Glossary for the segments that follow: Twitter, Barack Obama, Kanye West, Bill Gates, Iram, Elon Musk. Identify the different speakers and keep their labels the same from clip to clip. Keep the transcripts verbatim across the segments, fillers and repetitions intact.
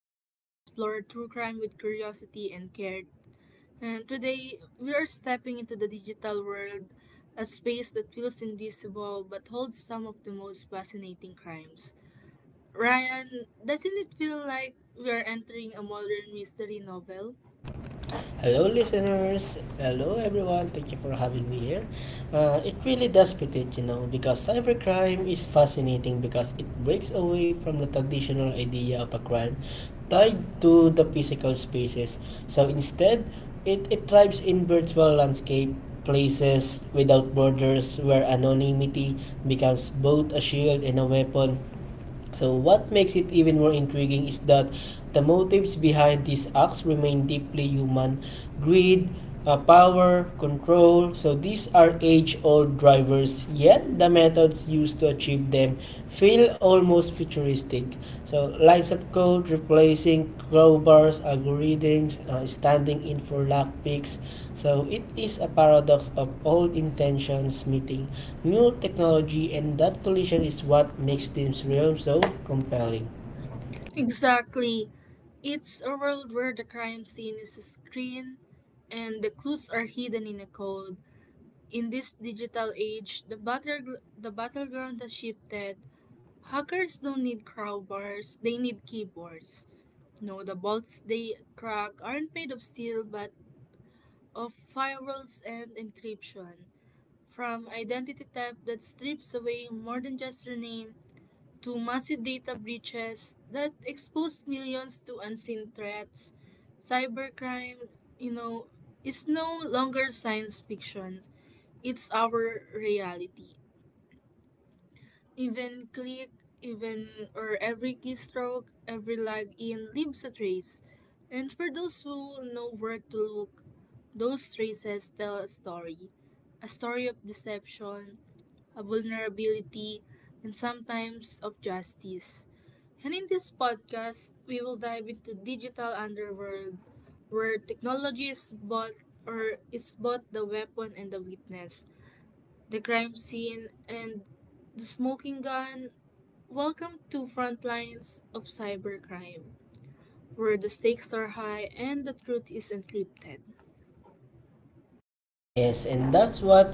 Speaker 1: where we explore true crime with curiosity and care. And today, we are stepping into the digital world, a space that feels invisible but holds some of the most fascinating crimes. Ryan, doesn't it feel like we are entering a modern mystery novel?
Speaker 2: Hello, listeners. Hello, everyone. Thank you for having me here. Uh, it really does fit it, you know, because cybercrime is fascinating because it breaks away from the traditional idea of a crime tied to the physical spaces. So instead, it, it thrives in virtual landscape places without borders where anonymity becomes both a shield and a weapon. So what makes it even more intriguing is that the motives behind these acts remain deeply human greed, uh, power, control. So these are age-old drivers, yet the methods used to achieve them feel almost futuristic. So lines of code replacing crowbars, algorithms, uh, standing in for lockpicks. So it is a paradox of old intentions meeting new technology, and that collision is what makes this realm so compelling.
Speaker 1: Exactly. It's a world where the crime scene is a screen and the clues are hidden in a code. In this digital age, the battle the battleground has shifted. Hackers don't need crowbars, they need keyboards. No, the bolts they crack aren't made of steel but of firewalls and encryption. From identity theft that strips away more than just your name to massive data breaches that expose millions to unseen threats, cybercrime, you know, is no longer science fiction. It's our reality. Even click, even or every keystroke, every login leaves a trace. And for those who know where to look, those traces tell a story. A story of deception, a vulnerability, and sometimes of justice. And in this podcast, we will dive into digital underworld where technology is both or is both the weapon and the witness, the crime scene, and the smoking gun. Welcome to Frontlines of Cybercrime, where the stakes are high and the truth is encrypted.
Speaker 2: Yes, and that's what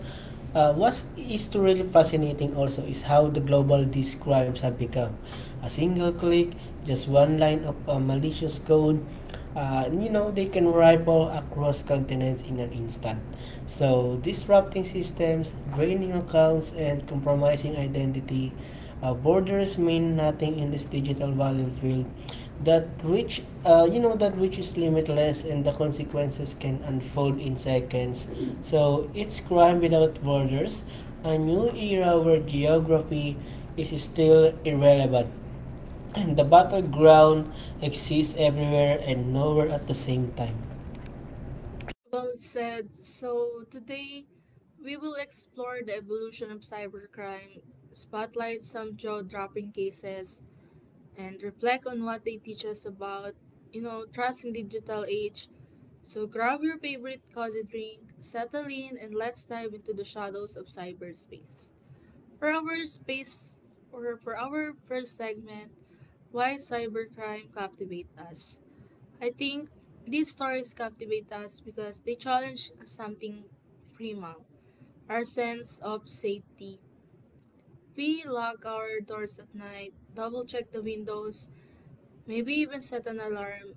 Speaker 2: uh, what is to really fascinating also is how the global these crimes have become. A single click, just one line of uh, malicious code, uh, you know, they can ripple across continents in an instant. So disrupting systems, draining accounts, and compromising identity. Uh, borders mean nothing in this digital battlefield that which uh, you know that which is limitless and the consequences can unfold in seconds, so it's Crime Without Borders, a new era where geography is still irrelevant and the battleground exists everywhere and nowhere at the same time.
Speaker 1: Well said. So, today we will explore the evolution of cybercrime, spotlight some jaw dropping cases, and reflect on what they teach us about, you know, trust in digital age. So, grab your favorite cozy drink, settle in, and let's dive into the shadows of cyberspace. For our space or for our first segment, why cybercrime captivate us? I think these stories captivate us because they challenge something primal, our sense of safety. We lock our doors at night, double check the windows, maybe even set an alarm.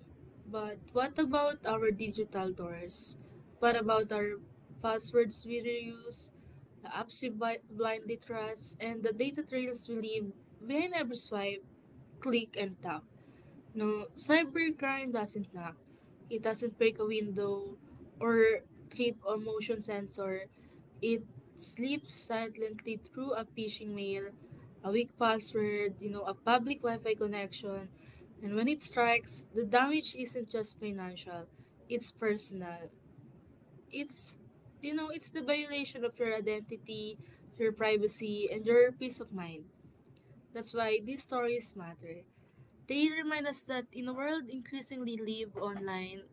Speaker 1: But what about our digital doors? What about our passwords we reuse, the apps we bi- blindly trust, and the data trails we leave behind every swipe, click, and tap? No, cybercrime doesn't knock. It doesn't break a window or trip a motion sensor. It slips silently through a phishing mail, a weak password, you know, a public Wi-Fi connection. And when it strikes, the damage isn't just financial, it's personal. It's you know, it's the violation of your identity, your privacy, and your peace of mind. That's why these stories matter. They remind us that in a world increasingly live online,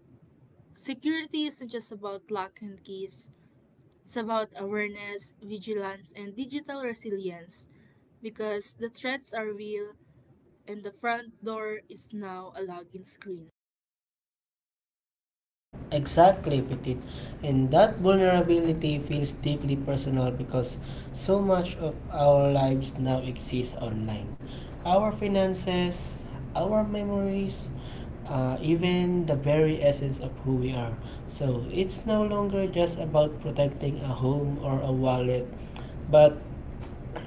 Speaker 1: security isn't just about lock and keys. It's about awareness, vigilance, and digital resilience because the threats are real and the front door is now a login screen.
Speaker 2: Exactly, Petit. And that vulnerability feels deeply personal because so much of our lives now exists online. Our finances, our memories, uh, even the very essence of who we are. So it's no longer just about protecting a home or a wallet, but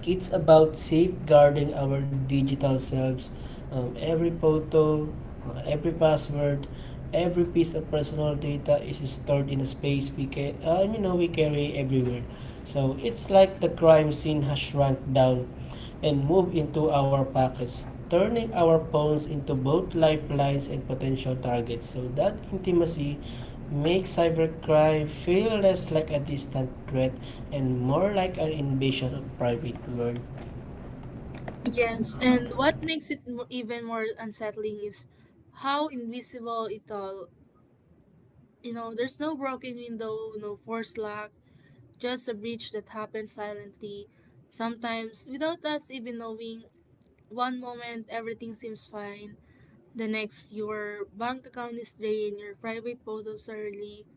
Speaker 2: it's about safeguarding our digital selves. Um, every photo, uh, every password, every piece of personal data is stored in a space we ca- uh, you know we carry everywhere. So it's like the crime scene has shrunk down and moved into our pockets, turning our phones into both lifelines and potential targets. So that intimacy make cybercrime feel less like a distant threat and more like an invasion of private world.
Speaker 1: Yes, and what makes it mo- even more unsettling is how invisible it all. You know, there's no broken window, no forced lock, just a breach that happens silently, sometimes without us even knowing. One moment everything seems fine, the next your bank account is drained, your private photos are leaked,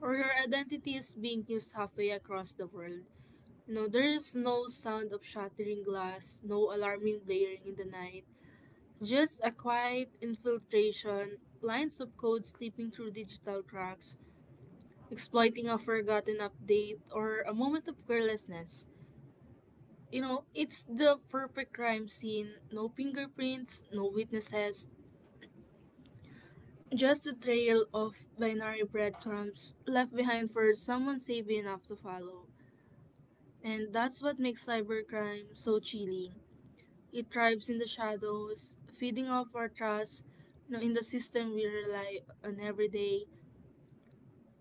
Speaker 1: or your identity is being used halfway across the world. You know, there is no sound of shattering glass, no alarming blaring in the night, just a quiet infiltration, lines of code slipping through digital cracks, exploiting a forgotten update or a moment of carelessness. You know, it's the perfect crime scene. No fingerprints, no witnesses, just a trail of binary breadcrumbs left behind for someone savvy enough to follow. And that's what makes cybercrime so chilling. It thrives in the shadows, feeding off our trust you know, in the system we rely on every day.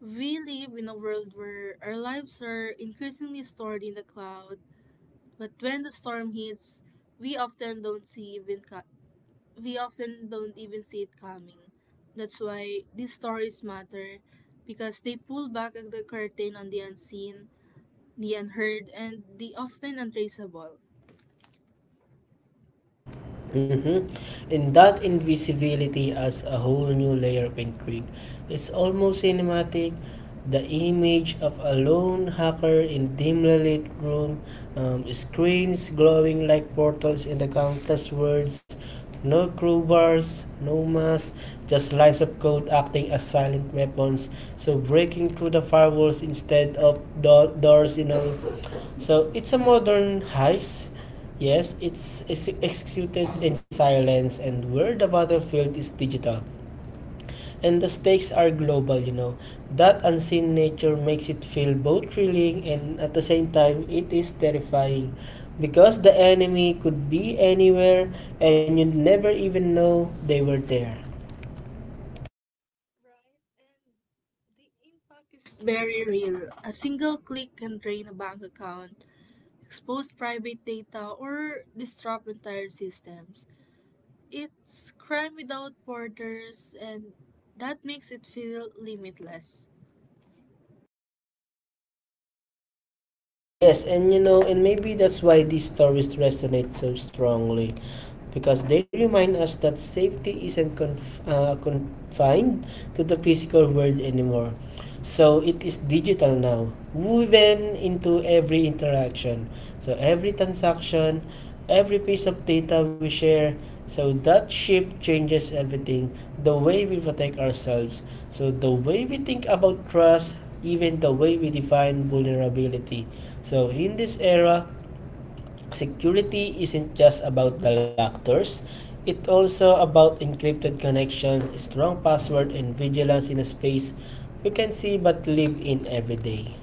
Speaker 1: We live in a world where our lives are increasingly stored in the cloud, but when the storm hits, we often don't see even ca- we often don't even see it coming. That's why these stories matter because they pull back the curtain on the unseen, the unheard, and the often untraceable.
Speaker 2: Mm-hmm. And that invisibility adds a whole new layer of intrigue. It's almost cinematic. The image of a lone hacker in dimly lit room, um, screens glowing like portals in the countless words, no crowbars, no masks, just lines of code acting as silent weapons. So breaking through the firewalls instead of do- doors, you know, so it's a modern heist. Yes, it's ex- executed in silence and where the battlefield is digital. And the stakes are global, you know. That unseen nature makes it feel both thrilling and at the same time it is terrifying because the enemy could be anywhere and you never even know they were there.
Speaker 1: Right, and the impact is very real. A single click can drain a bank account, expose private data, or disrupt entire systems. It's crime without borders, and that makes it feel limitless.
Speaker 2: Yes, and you know, and maybe that's why these stories resonate so strongly because they remind us that safety isn't conf- uh, confined to the physical world anymore. So it is digital now, woven into every interaction. So every transaction, every piece of data we share, so that shift changes everything, the way we protect ourselves, so the way we think about trust, even the way we define vulnerability. So in this era, security isn't just about the lactors. It's also about encrypted connection, strong password, and vigilance in a space we can see but live in every day.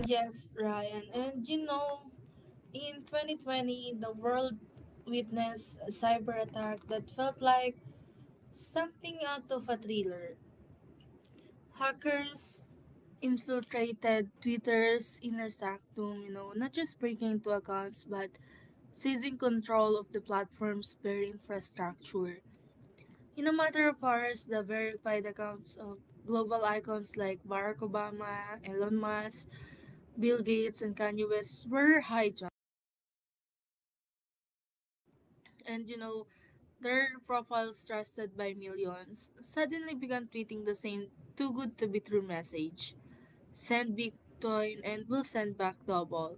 Speaker 1: Yes, Ryan, and you know, in twenty twenty, the world witnessed a cyber attack that felt like something out of a thriller. Hackers infiltrated Twitter's inner sanctum, you know, not just breaking into accounts but seizing control of the platform's very infrastructure. In a matter of hours, the verified accounts of global icons like Barack Obama, Elon Musk, Bill Gates, and Kanye West were hijacked, and you know, their profiles trusted by millions suddenly began tweeting the same too good to be true message: send bitcoin and we'll send back double.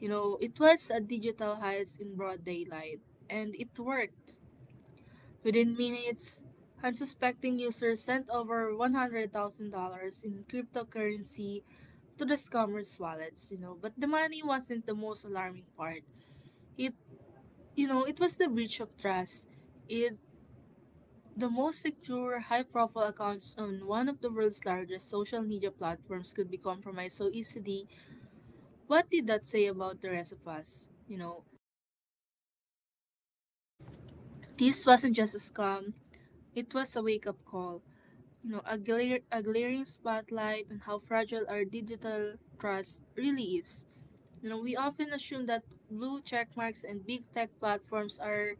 Speaker 1: You know, it was a digital heist in broad daylight, and it worked. Within minutes, unsuspecting users sent over one hundred thousand dollars in cryptocurrency to the scammers' wallets, you know. But the money wasn't the most alarming part. It, you know, it was the breach of trust. It The most secure, high profile accounts on one of the world's largest social media platforms could be compromised so easily. What did that say about the rest of us? You know, this wasn't just a scam, it was a wake up call. You know, a, glare, a glaring spotlight on how fragile our digital trust really is. You know, we often assume that blue check marks and big tech platforms are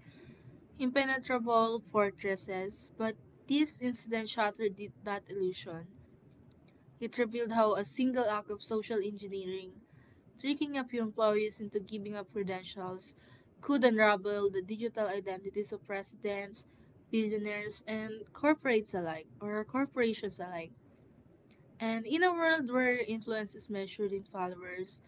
Speaker 1: impenetrable fortresses, but this incident shattered the- that illusion. It revealed how a single act of social engineering, tricking a few employees into giving up credentials, could unravel the digital identities of presidents, billionaires, and corporates alike, or corporations alike. And in a world where influence is measured in followers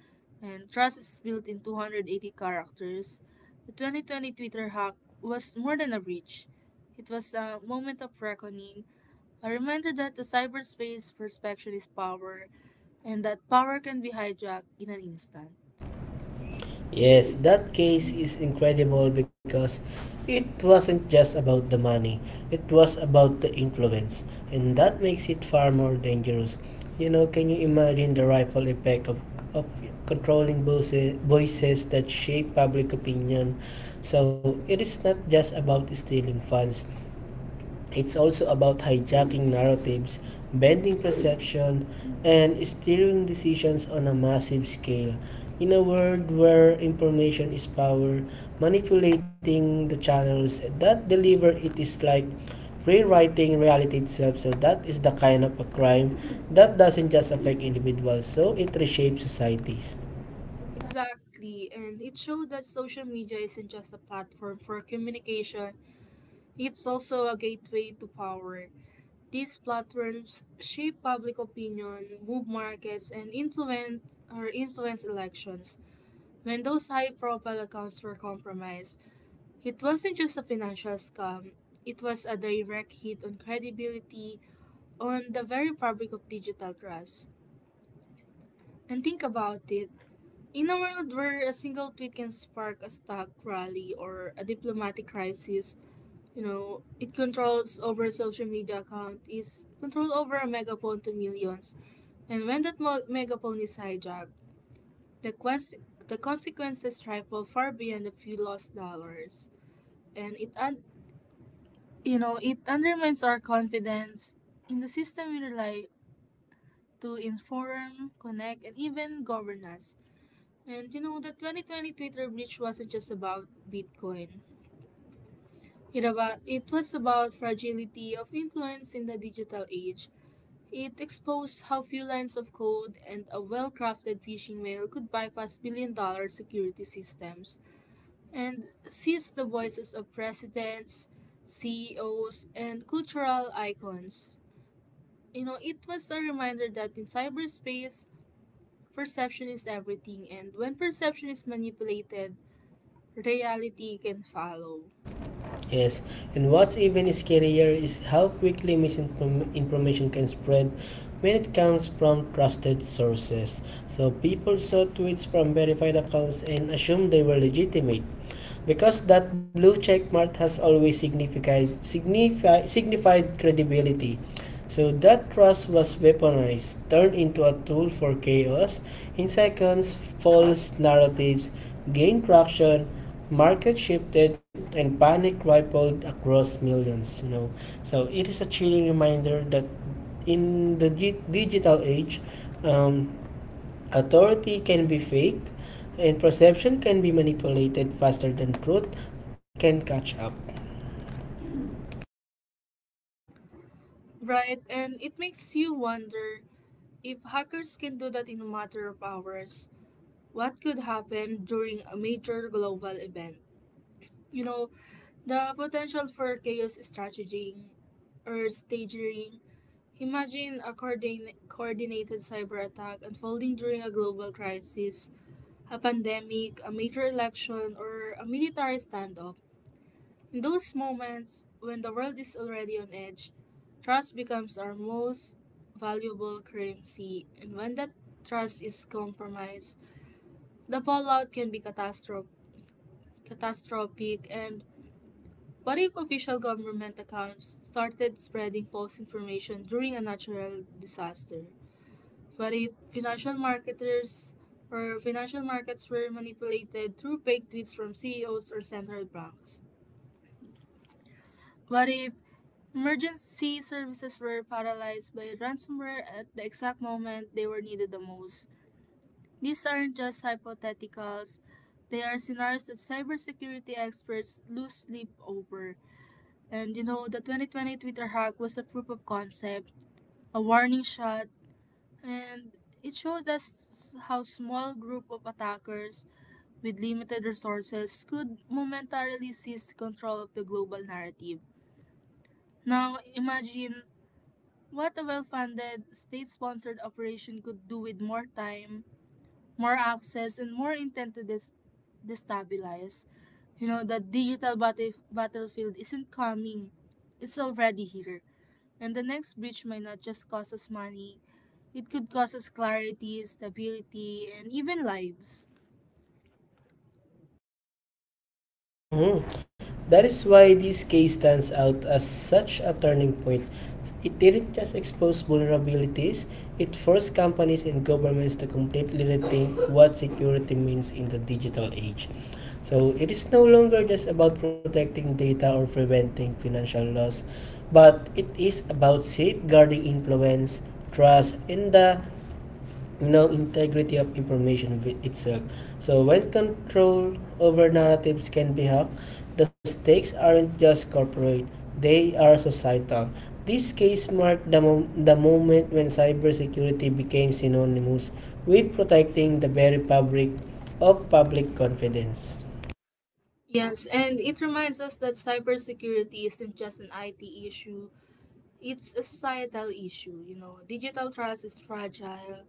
Speaker 1: and trust is built in two hundred eighty characters, the twenty twenty Twitter hack was more than a breach. It was a moment of reckoning, a reminder that the cyberspace perception is power and that power can be hijacked in an instant.
Speaker 2: Yes, that case is incredible because it wasn't just about the money, it was about the influence, and that makes it far more dangerous. You know, can you imagine the rifle effect of, of controlling voices, voices that shape public opinion? So, it is not just about stealing funds, it's also about hijacking narratives, bending perception, and steering decisions on a massive scale. In a world where information is power, manipulating the channels that deliver it is like rewriting reality itself. So that is the kind of a crime that doesn't just affect individuals, so it reshapes societies.
Speaker 1: Exactly, and it showed that social media isn't just a platform for communication. It's also a gateway to power. These platforms shape public opinion, move markets, and influence or influence elections. When those high-profile accounts were compromised, it wasn't just a financial scam. It was a direct hit on credibility, on the very fabric of digital trust. And think about it. In a world where a single tweet can spark a stock rally or a diplomatic crisis, you know, it controls over a social media account is control over a megaphone to millions. And when that mo- megaphone is hijacked, the, quest- the consequences ripple far beyond a few lost dollars. And it, un- you know, it undermines our confidence in the system we rely to inform, connect, and even govern us. And you know, the twenty twenty Twitter breach wasn't just about Bitcoin. It about it was about fragility of influence in the digital age. It exposed how few lines of code and a well-crafted phishing mail could bypass billion-dollar security systems and seize the voices of presidents, C E Os, and cultural icons. You know, it was a reminder that in cyberspace, perception is everything, and when perception is manipulated, reality can follow.
Speaker 2: Yes, and what's even scarier is how quickly misinformation can spread when it comes from trusted sources. So people saw tweets from verified accounts and assumed they were legitimate. Because that blue check mark has always signified, signifi- signified credibility. So that trust was weaponized, turned into a tool for chaos. In seconds, false narratives gained traction, market shifted, and panic rippled across millions. You know, so it is a chilling reminder that in the di- digital age, um, authority can be fake, and perception can be manipulated faster than truth can catch up.
Speaker 1: Right, and it makes you wonder if hackers can do that in a matter of hours, what could happen during a major global event. You know, the potential for chaos strategy or staging. Imagine a coordin- coordinated cyber attack unfolding during a global crisis, a pandemic, a major election, or a military standoff. In those moments, when the world is already on edge, trust becomes our most valuable currency, and when that trust is compromised, the fallout can be catastrophic catastrophic, and what if official government accounts started spreading false information during a natural disaster? What if financial marketers or financial markets were manipulated through fake tweets from C E Os or central banks? What if emergency services were paralyzed by ransomware at the exact moment they were needed the most? These aren't just hypotheticals, they are scenarios that cybersecurity experts lose sleep over. And you know, the twenty twenty Twitter hack was a proof of concept, a warning shot, and it showed us how small group of attackers with limited resources could momentarily seize control of the global narrative. Now, imagine what a well-funded, state-sponsored operation could do with more time, more access, and more intent to dis- destabilize. You know, the digital battle- battlefield isn't coming. It's already here. And the next breach might not just cost us money, it could cost us clarity, stability, and even lives.
Speaker 2: Mhm. That is why this case stands out as such a turning point. It didn't just expose vulnerabilities, it forced companies and governments to completely rethink what security means in the digital age. So, it is no longer just about protecting data or preventing financial loss, but it is about safeguarding influence, trust, and the no integrity of information with itself. So when control over narratives can be hacked, the stakes aren't just corporate, they are societal. This case marked the, mom- the moment when cybersecurity became synonymous with protecting the very fabric of public confidence.
Speaker 1: Yes, and it reminds us that cybersecurity isn't just an I T issue, it's a societal issue. You know, digital trust is fragile,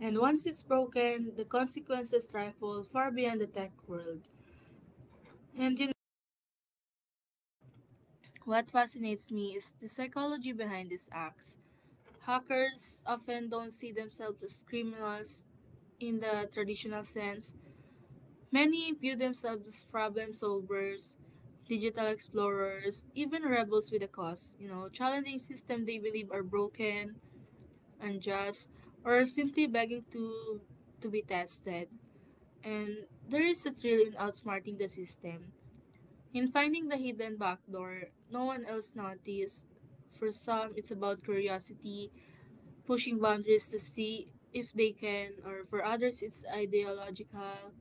Speaker 1: and once it's broken, the consequences trifle far beyond the tech world. And you know, what fascinates me is the psychology behind these acts. Hackers often don't see themselves as criminals in the traditional sense. Many view themselves as problem solvers, digital explorers, even rebels with a cause, you know, challenging systems they believe are broken, unjust, or simply begging to to be tested. And there is a thrill in outsmarting the system, in finding the hidden backdoor no one else noticed. For some, it's about curiosity, pushing boundaries to see if they can, or for others, it's ideological.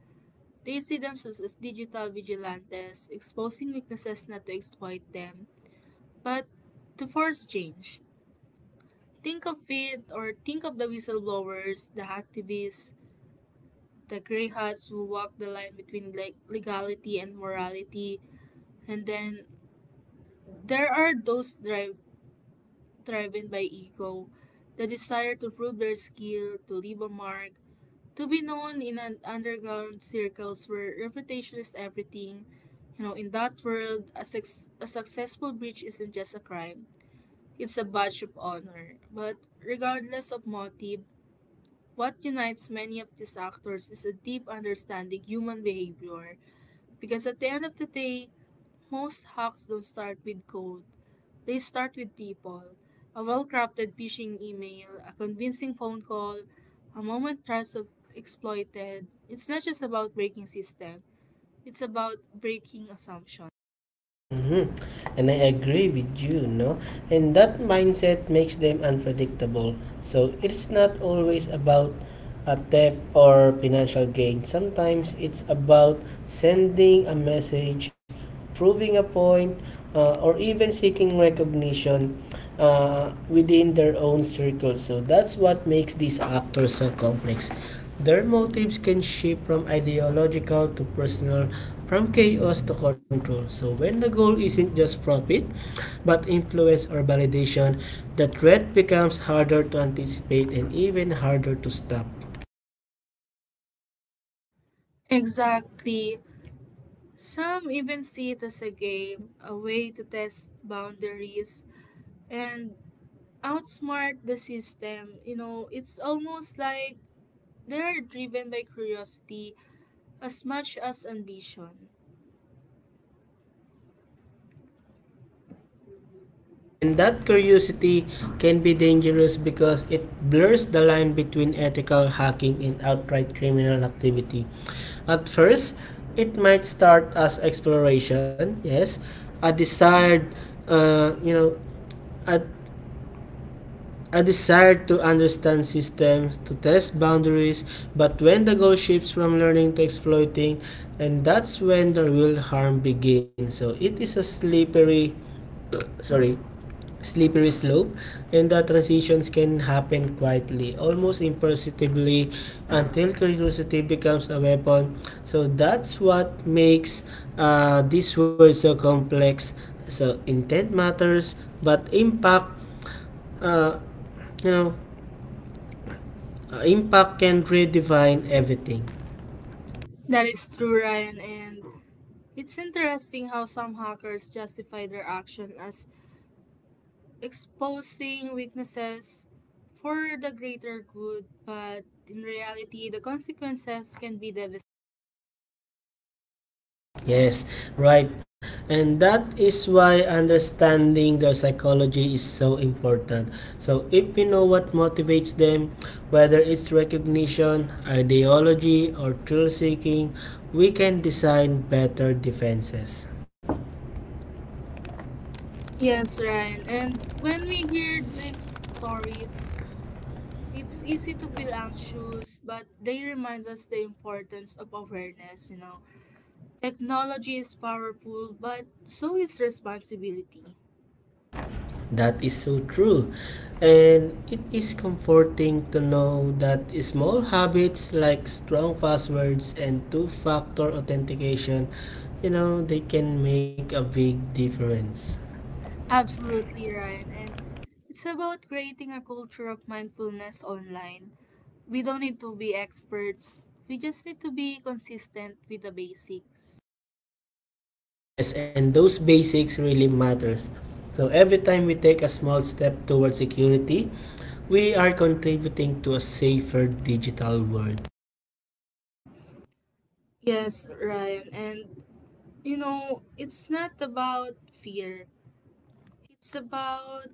Speaker 1: They see themselves as digital vigilantes, exposing weaknesses not to exploit them, but to force change. Think of it, or think of the whistleblowers, the activists, the grey hats who walk the line between le- legality and morality. And then there are those drive, driven by ego, the desire to prove their skill, to leave a mark, to be known in an underground circles where reputation is everything. You know, in that world, a, suc- a successful breach isn't just a crime; it's a badge of honor. But regardless of motive, what unites many of these actors is a deep understanding human behavior. Because at the end of the day, most hacks don't start with code. They start with people. A well crafted phishing email, a convincing phone call, a moment trust of exploited. It's not just about breaking system, it's about breaking assumption.
Speaker 2: Mhm. And I agree with you, no? And that mindset makes them unpredictable. So it's not always about a theft or financial gain. Sometimes it's about sending a message, proving a point, uh, or even seeking recognition uh, within their own circle. So that's what makes these actors so complex. Their motives can shift from ideological to personal, from chaos to control. So, when the goal isn't just profit, but influence or validation, the threat becomes harder to anticipate and even harder to stop.
Speaker 1: Exactly. Some even see it as a game, a way to test boundaries and outsmart the system. You know, it's almost like they're driven by curiosity as much as ambition.
Speaker 2: And that curiosity can be dangerous because it blurs the line between ethical hacking and outright criminal activity. At first, it might start as exploration, yes, a desired, uh, you know, a, a desire to understand systems, to test boundaries, but when the goal shifts from learning to exploiting, and that's when the real harm begins. So it is a slippery, sorry, slippery slope, and the transitions can happen quietly, almost imperceptibly, until curiosity becomes a weapon. So that's what makes uh, this world so complex. So intent matters, but impact uh, you know Uh, impact can redefine everything.
Speaker 1: That is true, Ryan, and it's interesting how some hackers justify their action as exposing weaknesses for the greater good, but in reality, the consequences can be devastating.
Speaker 2: Yes, right. And that is why understanding their psychology is so important. So, if we know what motivates them, whether it's recognition, ideology, or thrill seeking, we can design better defenses.
Speaker 1: Yes, Ryan, and when we hear these stories, it's easy to feel anxious, but they remind us the importance of awareness, you know. Technology is powerful, but so is responsibility.
Speaker 2: That is so true. And it is comforting to know that small habits like strong passwords and two factor authentication, you know, they can make a big difference.
Speaker 1: Absolutely, Ryan. And it's about creating a culture of mindfulness online. We don't need to be experts. We just need to be consistent with the basics.
Speaker 2: Yes, and those basics really matters. So every time we take a small step towards security, we are contributing to a safer digital world.
Speaker 1: Yes, Ryan. And you know, it's not about fear. It's about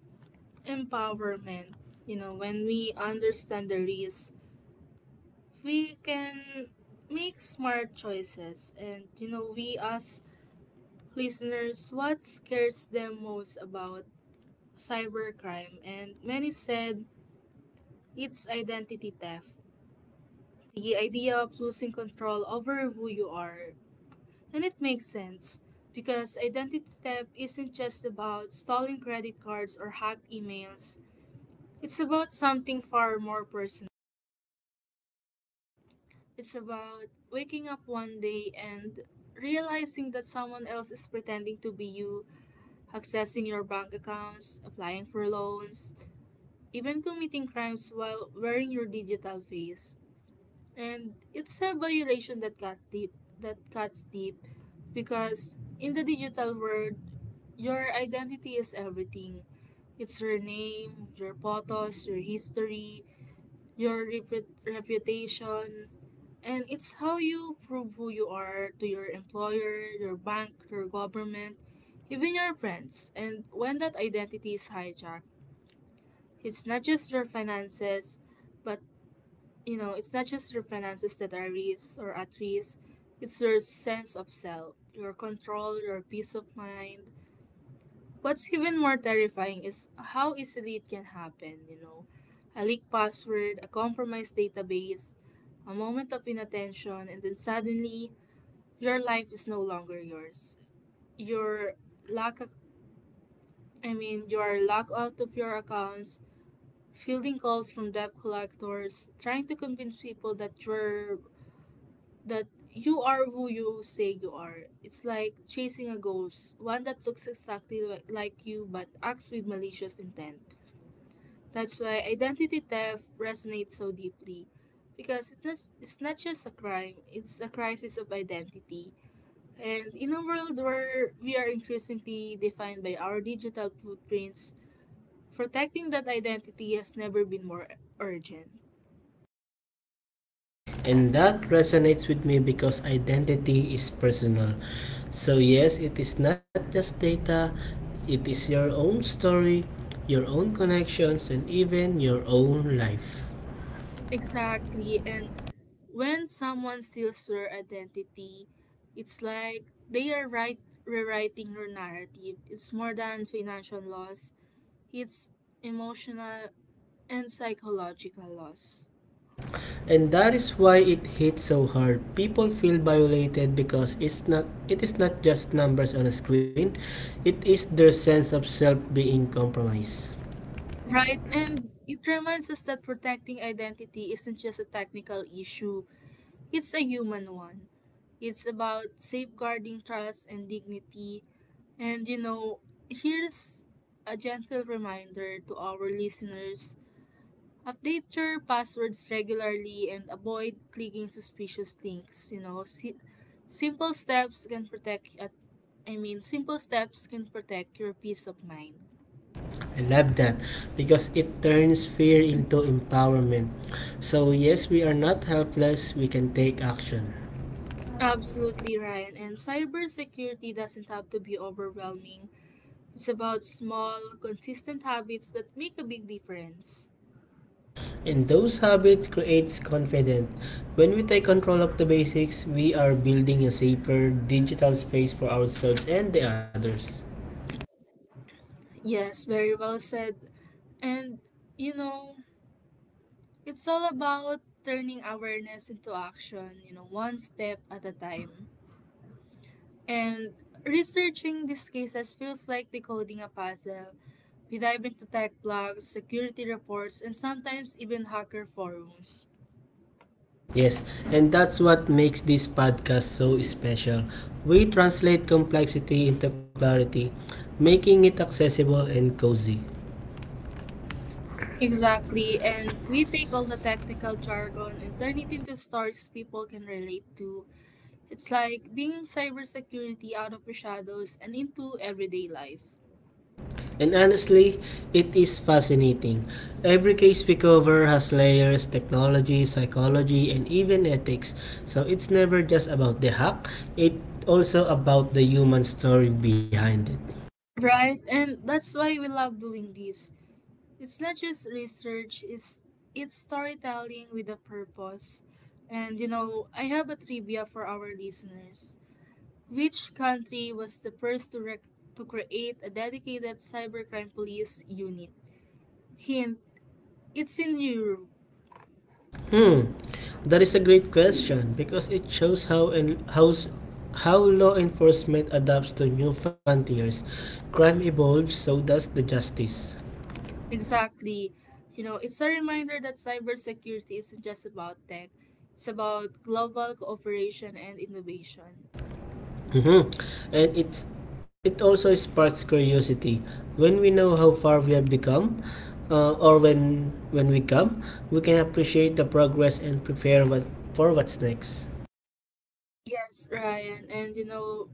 Speaker 1: empowerment. You know, when we understand the risk, we can make smart choices. And you know, we ask listeners what scares them most about cybercrime, and many said it's identity theft. The idea of losing control over who you are. And it makes sense, because identity theft isn't just about stolen credit cards or hacked emails, it's about something far more personal. It's about waking up one day and realizing that someone else is pretending to be you, accessing your bank accounts, applying for loans, even committing crimes while wearing your digital face. And it's a violation that cut deep that cuts deep, because in the digital world your identity is everything. It's your name, your photos, your history, your repu- reputation, and it's how you prove who you are to your employer, your bank, your government, even your friends. And when that identity is hijacked, it's not just your finances, but you know, it's not just your finances that are risk or at risk, it's your sense of self, your control, your peace of mind. What's even more terrifying is how easily it can happen, you know. A leaked password, a compromised database, a moment of inattention, and then suddenly your life is no longer yours. Your lack of, I mean, your locked out of your accounts, fielding calls from debt collectors, trying to convince people that you're that you are who you say you are. It's like chasing a ghost, one that looks exactly li- like you but acts with malicious intent. That's why identity theft resonates so deeply because it's not, it's not just a crime, it's a crisis of identity. And in a world where we are increasingly defined by our digital footprints, protecting that identity has never been more urgent.
Speaker 2: And that resonates with me because identity is personal. So, yes, it is not just data, it is your own story, your own connections, and even your own life.
Speaker 1: Exactly. And when someone steals your identity, it's like they are right rewriting your narrative. It's more than financial loss, it's emotional and psychological loss.
Speaker 2: And that is why it hits so hard. People feel violated because it's not it is not just numbers on a screen, it is their sense of self being compromised.
Speaker 1: Right? And it reminds us that protecting identity isn't just a technical issue. It's a human one. It's about safeguarding trust and dignity. And you know, here's a gentle reminder to our listeners: update your passwords regularly and avoid clicking suspicious links. You know, si- simple steps can protect, at, I mean, simple steps can protect your peace of mind.
Speaker 2: I love that because it turns fear into empowerment. So, yes, we are not helpless, we can take action.
Speaker 1: Absolutely, Ryan. And cybersecurity doesn't have to be overwhelming. It's about small, consistent habits that make a big difference.
Speaker 2: And those habits creates confidence. When we take control of the basics, we are building a safer digital space for ourselves and the others.
Speaker 1: Yes, very well said. And, you know, it's all about turning awareness into action, you know, one step at a time. And researching these cases feels like decoding a puzzle. We dive into tech blogs, security reports, and sometimes even hacker forums.
Speaker 2: Yes, and that's what makes this podcast so special. We translate complexity into clarity, making it accessible and cozy.
Speaker 1: Exactly, and we take all the technical jargon and turn it into stories people can relate to. It's like bringing cybersecurity out of the shadows and into everyday life.
Speaker 2: And honestly, it is fascinating. Every case we cover has layers, technology, psychology, and even ethics. So it's never just about the hack, it also about the human story behind it.
Speaker 1: Right, and that's why we love doing this. It's not just research, it's it's storytelling with a purpose. And you know, I have a trivia for our listeners. Which country was the first to rec- to create a dedicated cybercrime police unit? Hint, it's in Europe.
Speaker 2: Hmm. That is a great question because it shows how and how how law enforcement adapts to new frontiers. Crime evolves, so does the justice.
Speaker 1: Exactly. You know, it's a reminder that cybersecurity isn't just about tech, it's about global cooperation and innovation.
Speaker 2: Mhm. And it's it also sparks curiosity. When we know how far we have become, uh, or when when we come, we can appreciate the progress and prepare what, for what's next.
Speaker 1: Yes, Ryan, and you know,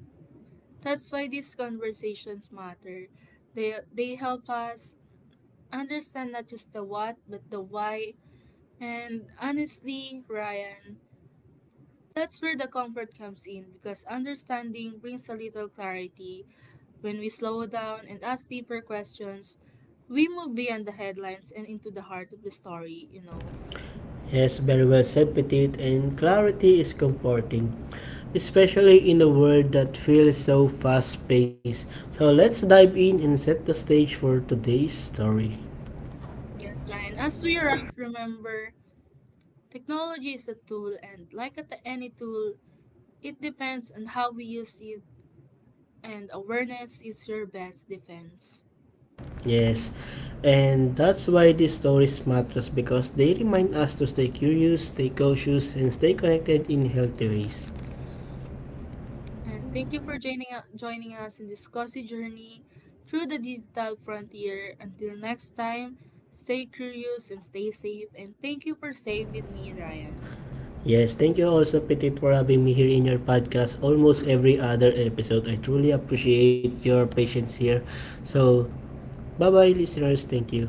Speaker 1: that's why these conversations matter. They they help us understand not just the what, but the why. And honestly, Ryan, that's where the comfort comes in because understanding brings a little clarity. When we slow down and ask deeper questions, we move beyond the headlines and into the heart of the story, you know.
Speaker 2: Yes, very well said, Petit. And clarity is comforting, especially in a world that feels so fast-paced. So let's dive in and set the stage for today's story.
Speaker 1: Yes, Ryan, as we wrap, remember, technology is a tool, and like at any tool, it depends on how we use it, and awareness is your best defense.
Speaker 2: Yes, and that's why these stories matters because they remind us to stay curious, stay cautious, and stay connected in healthy ways.
Speaker 1: And thank you for joining, joining us in this cozy journey through the digital frontier. Until next time, stay curious and stay safe. And thank you for staying with me, Ryan.
Speaker 2: Yes, thank you also Petit for having me here in your podcast almost every other episode. I truly appreciate your patience here. So, bye-bye listeners. Thank you.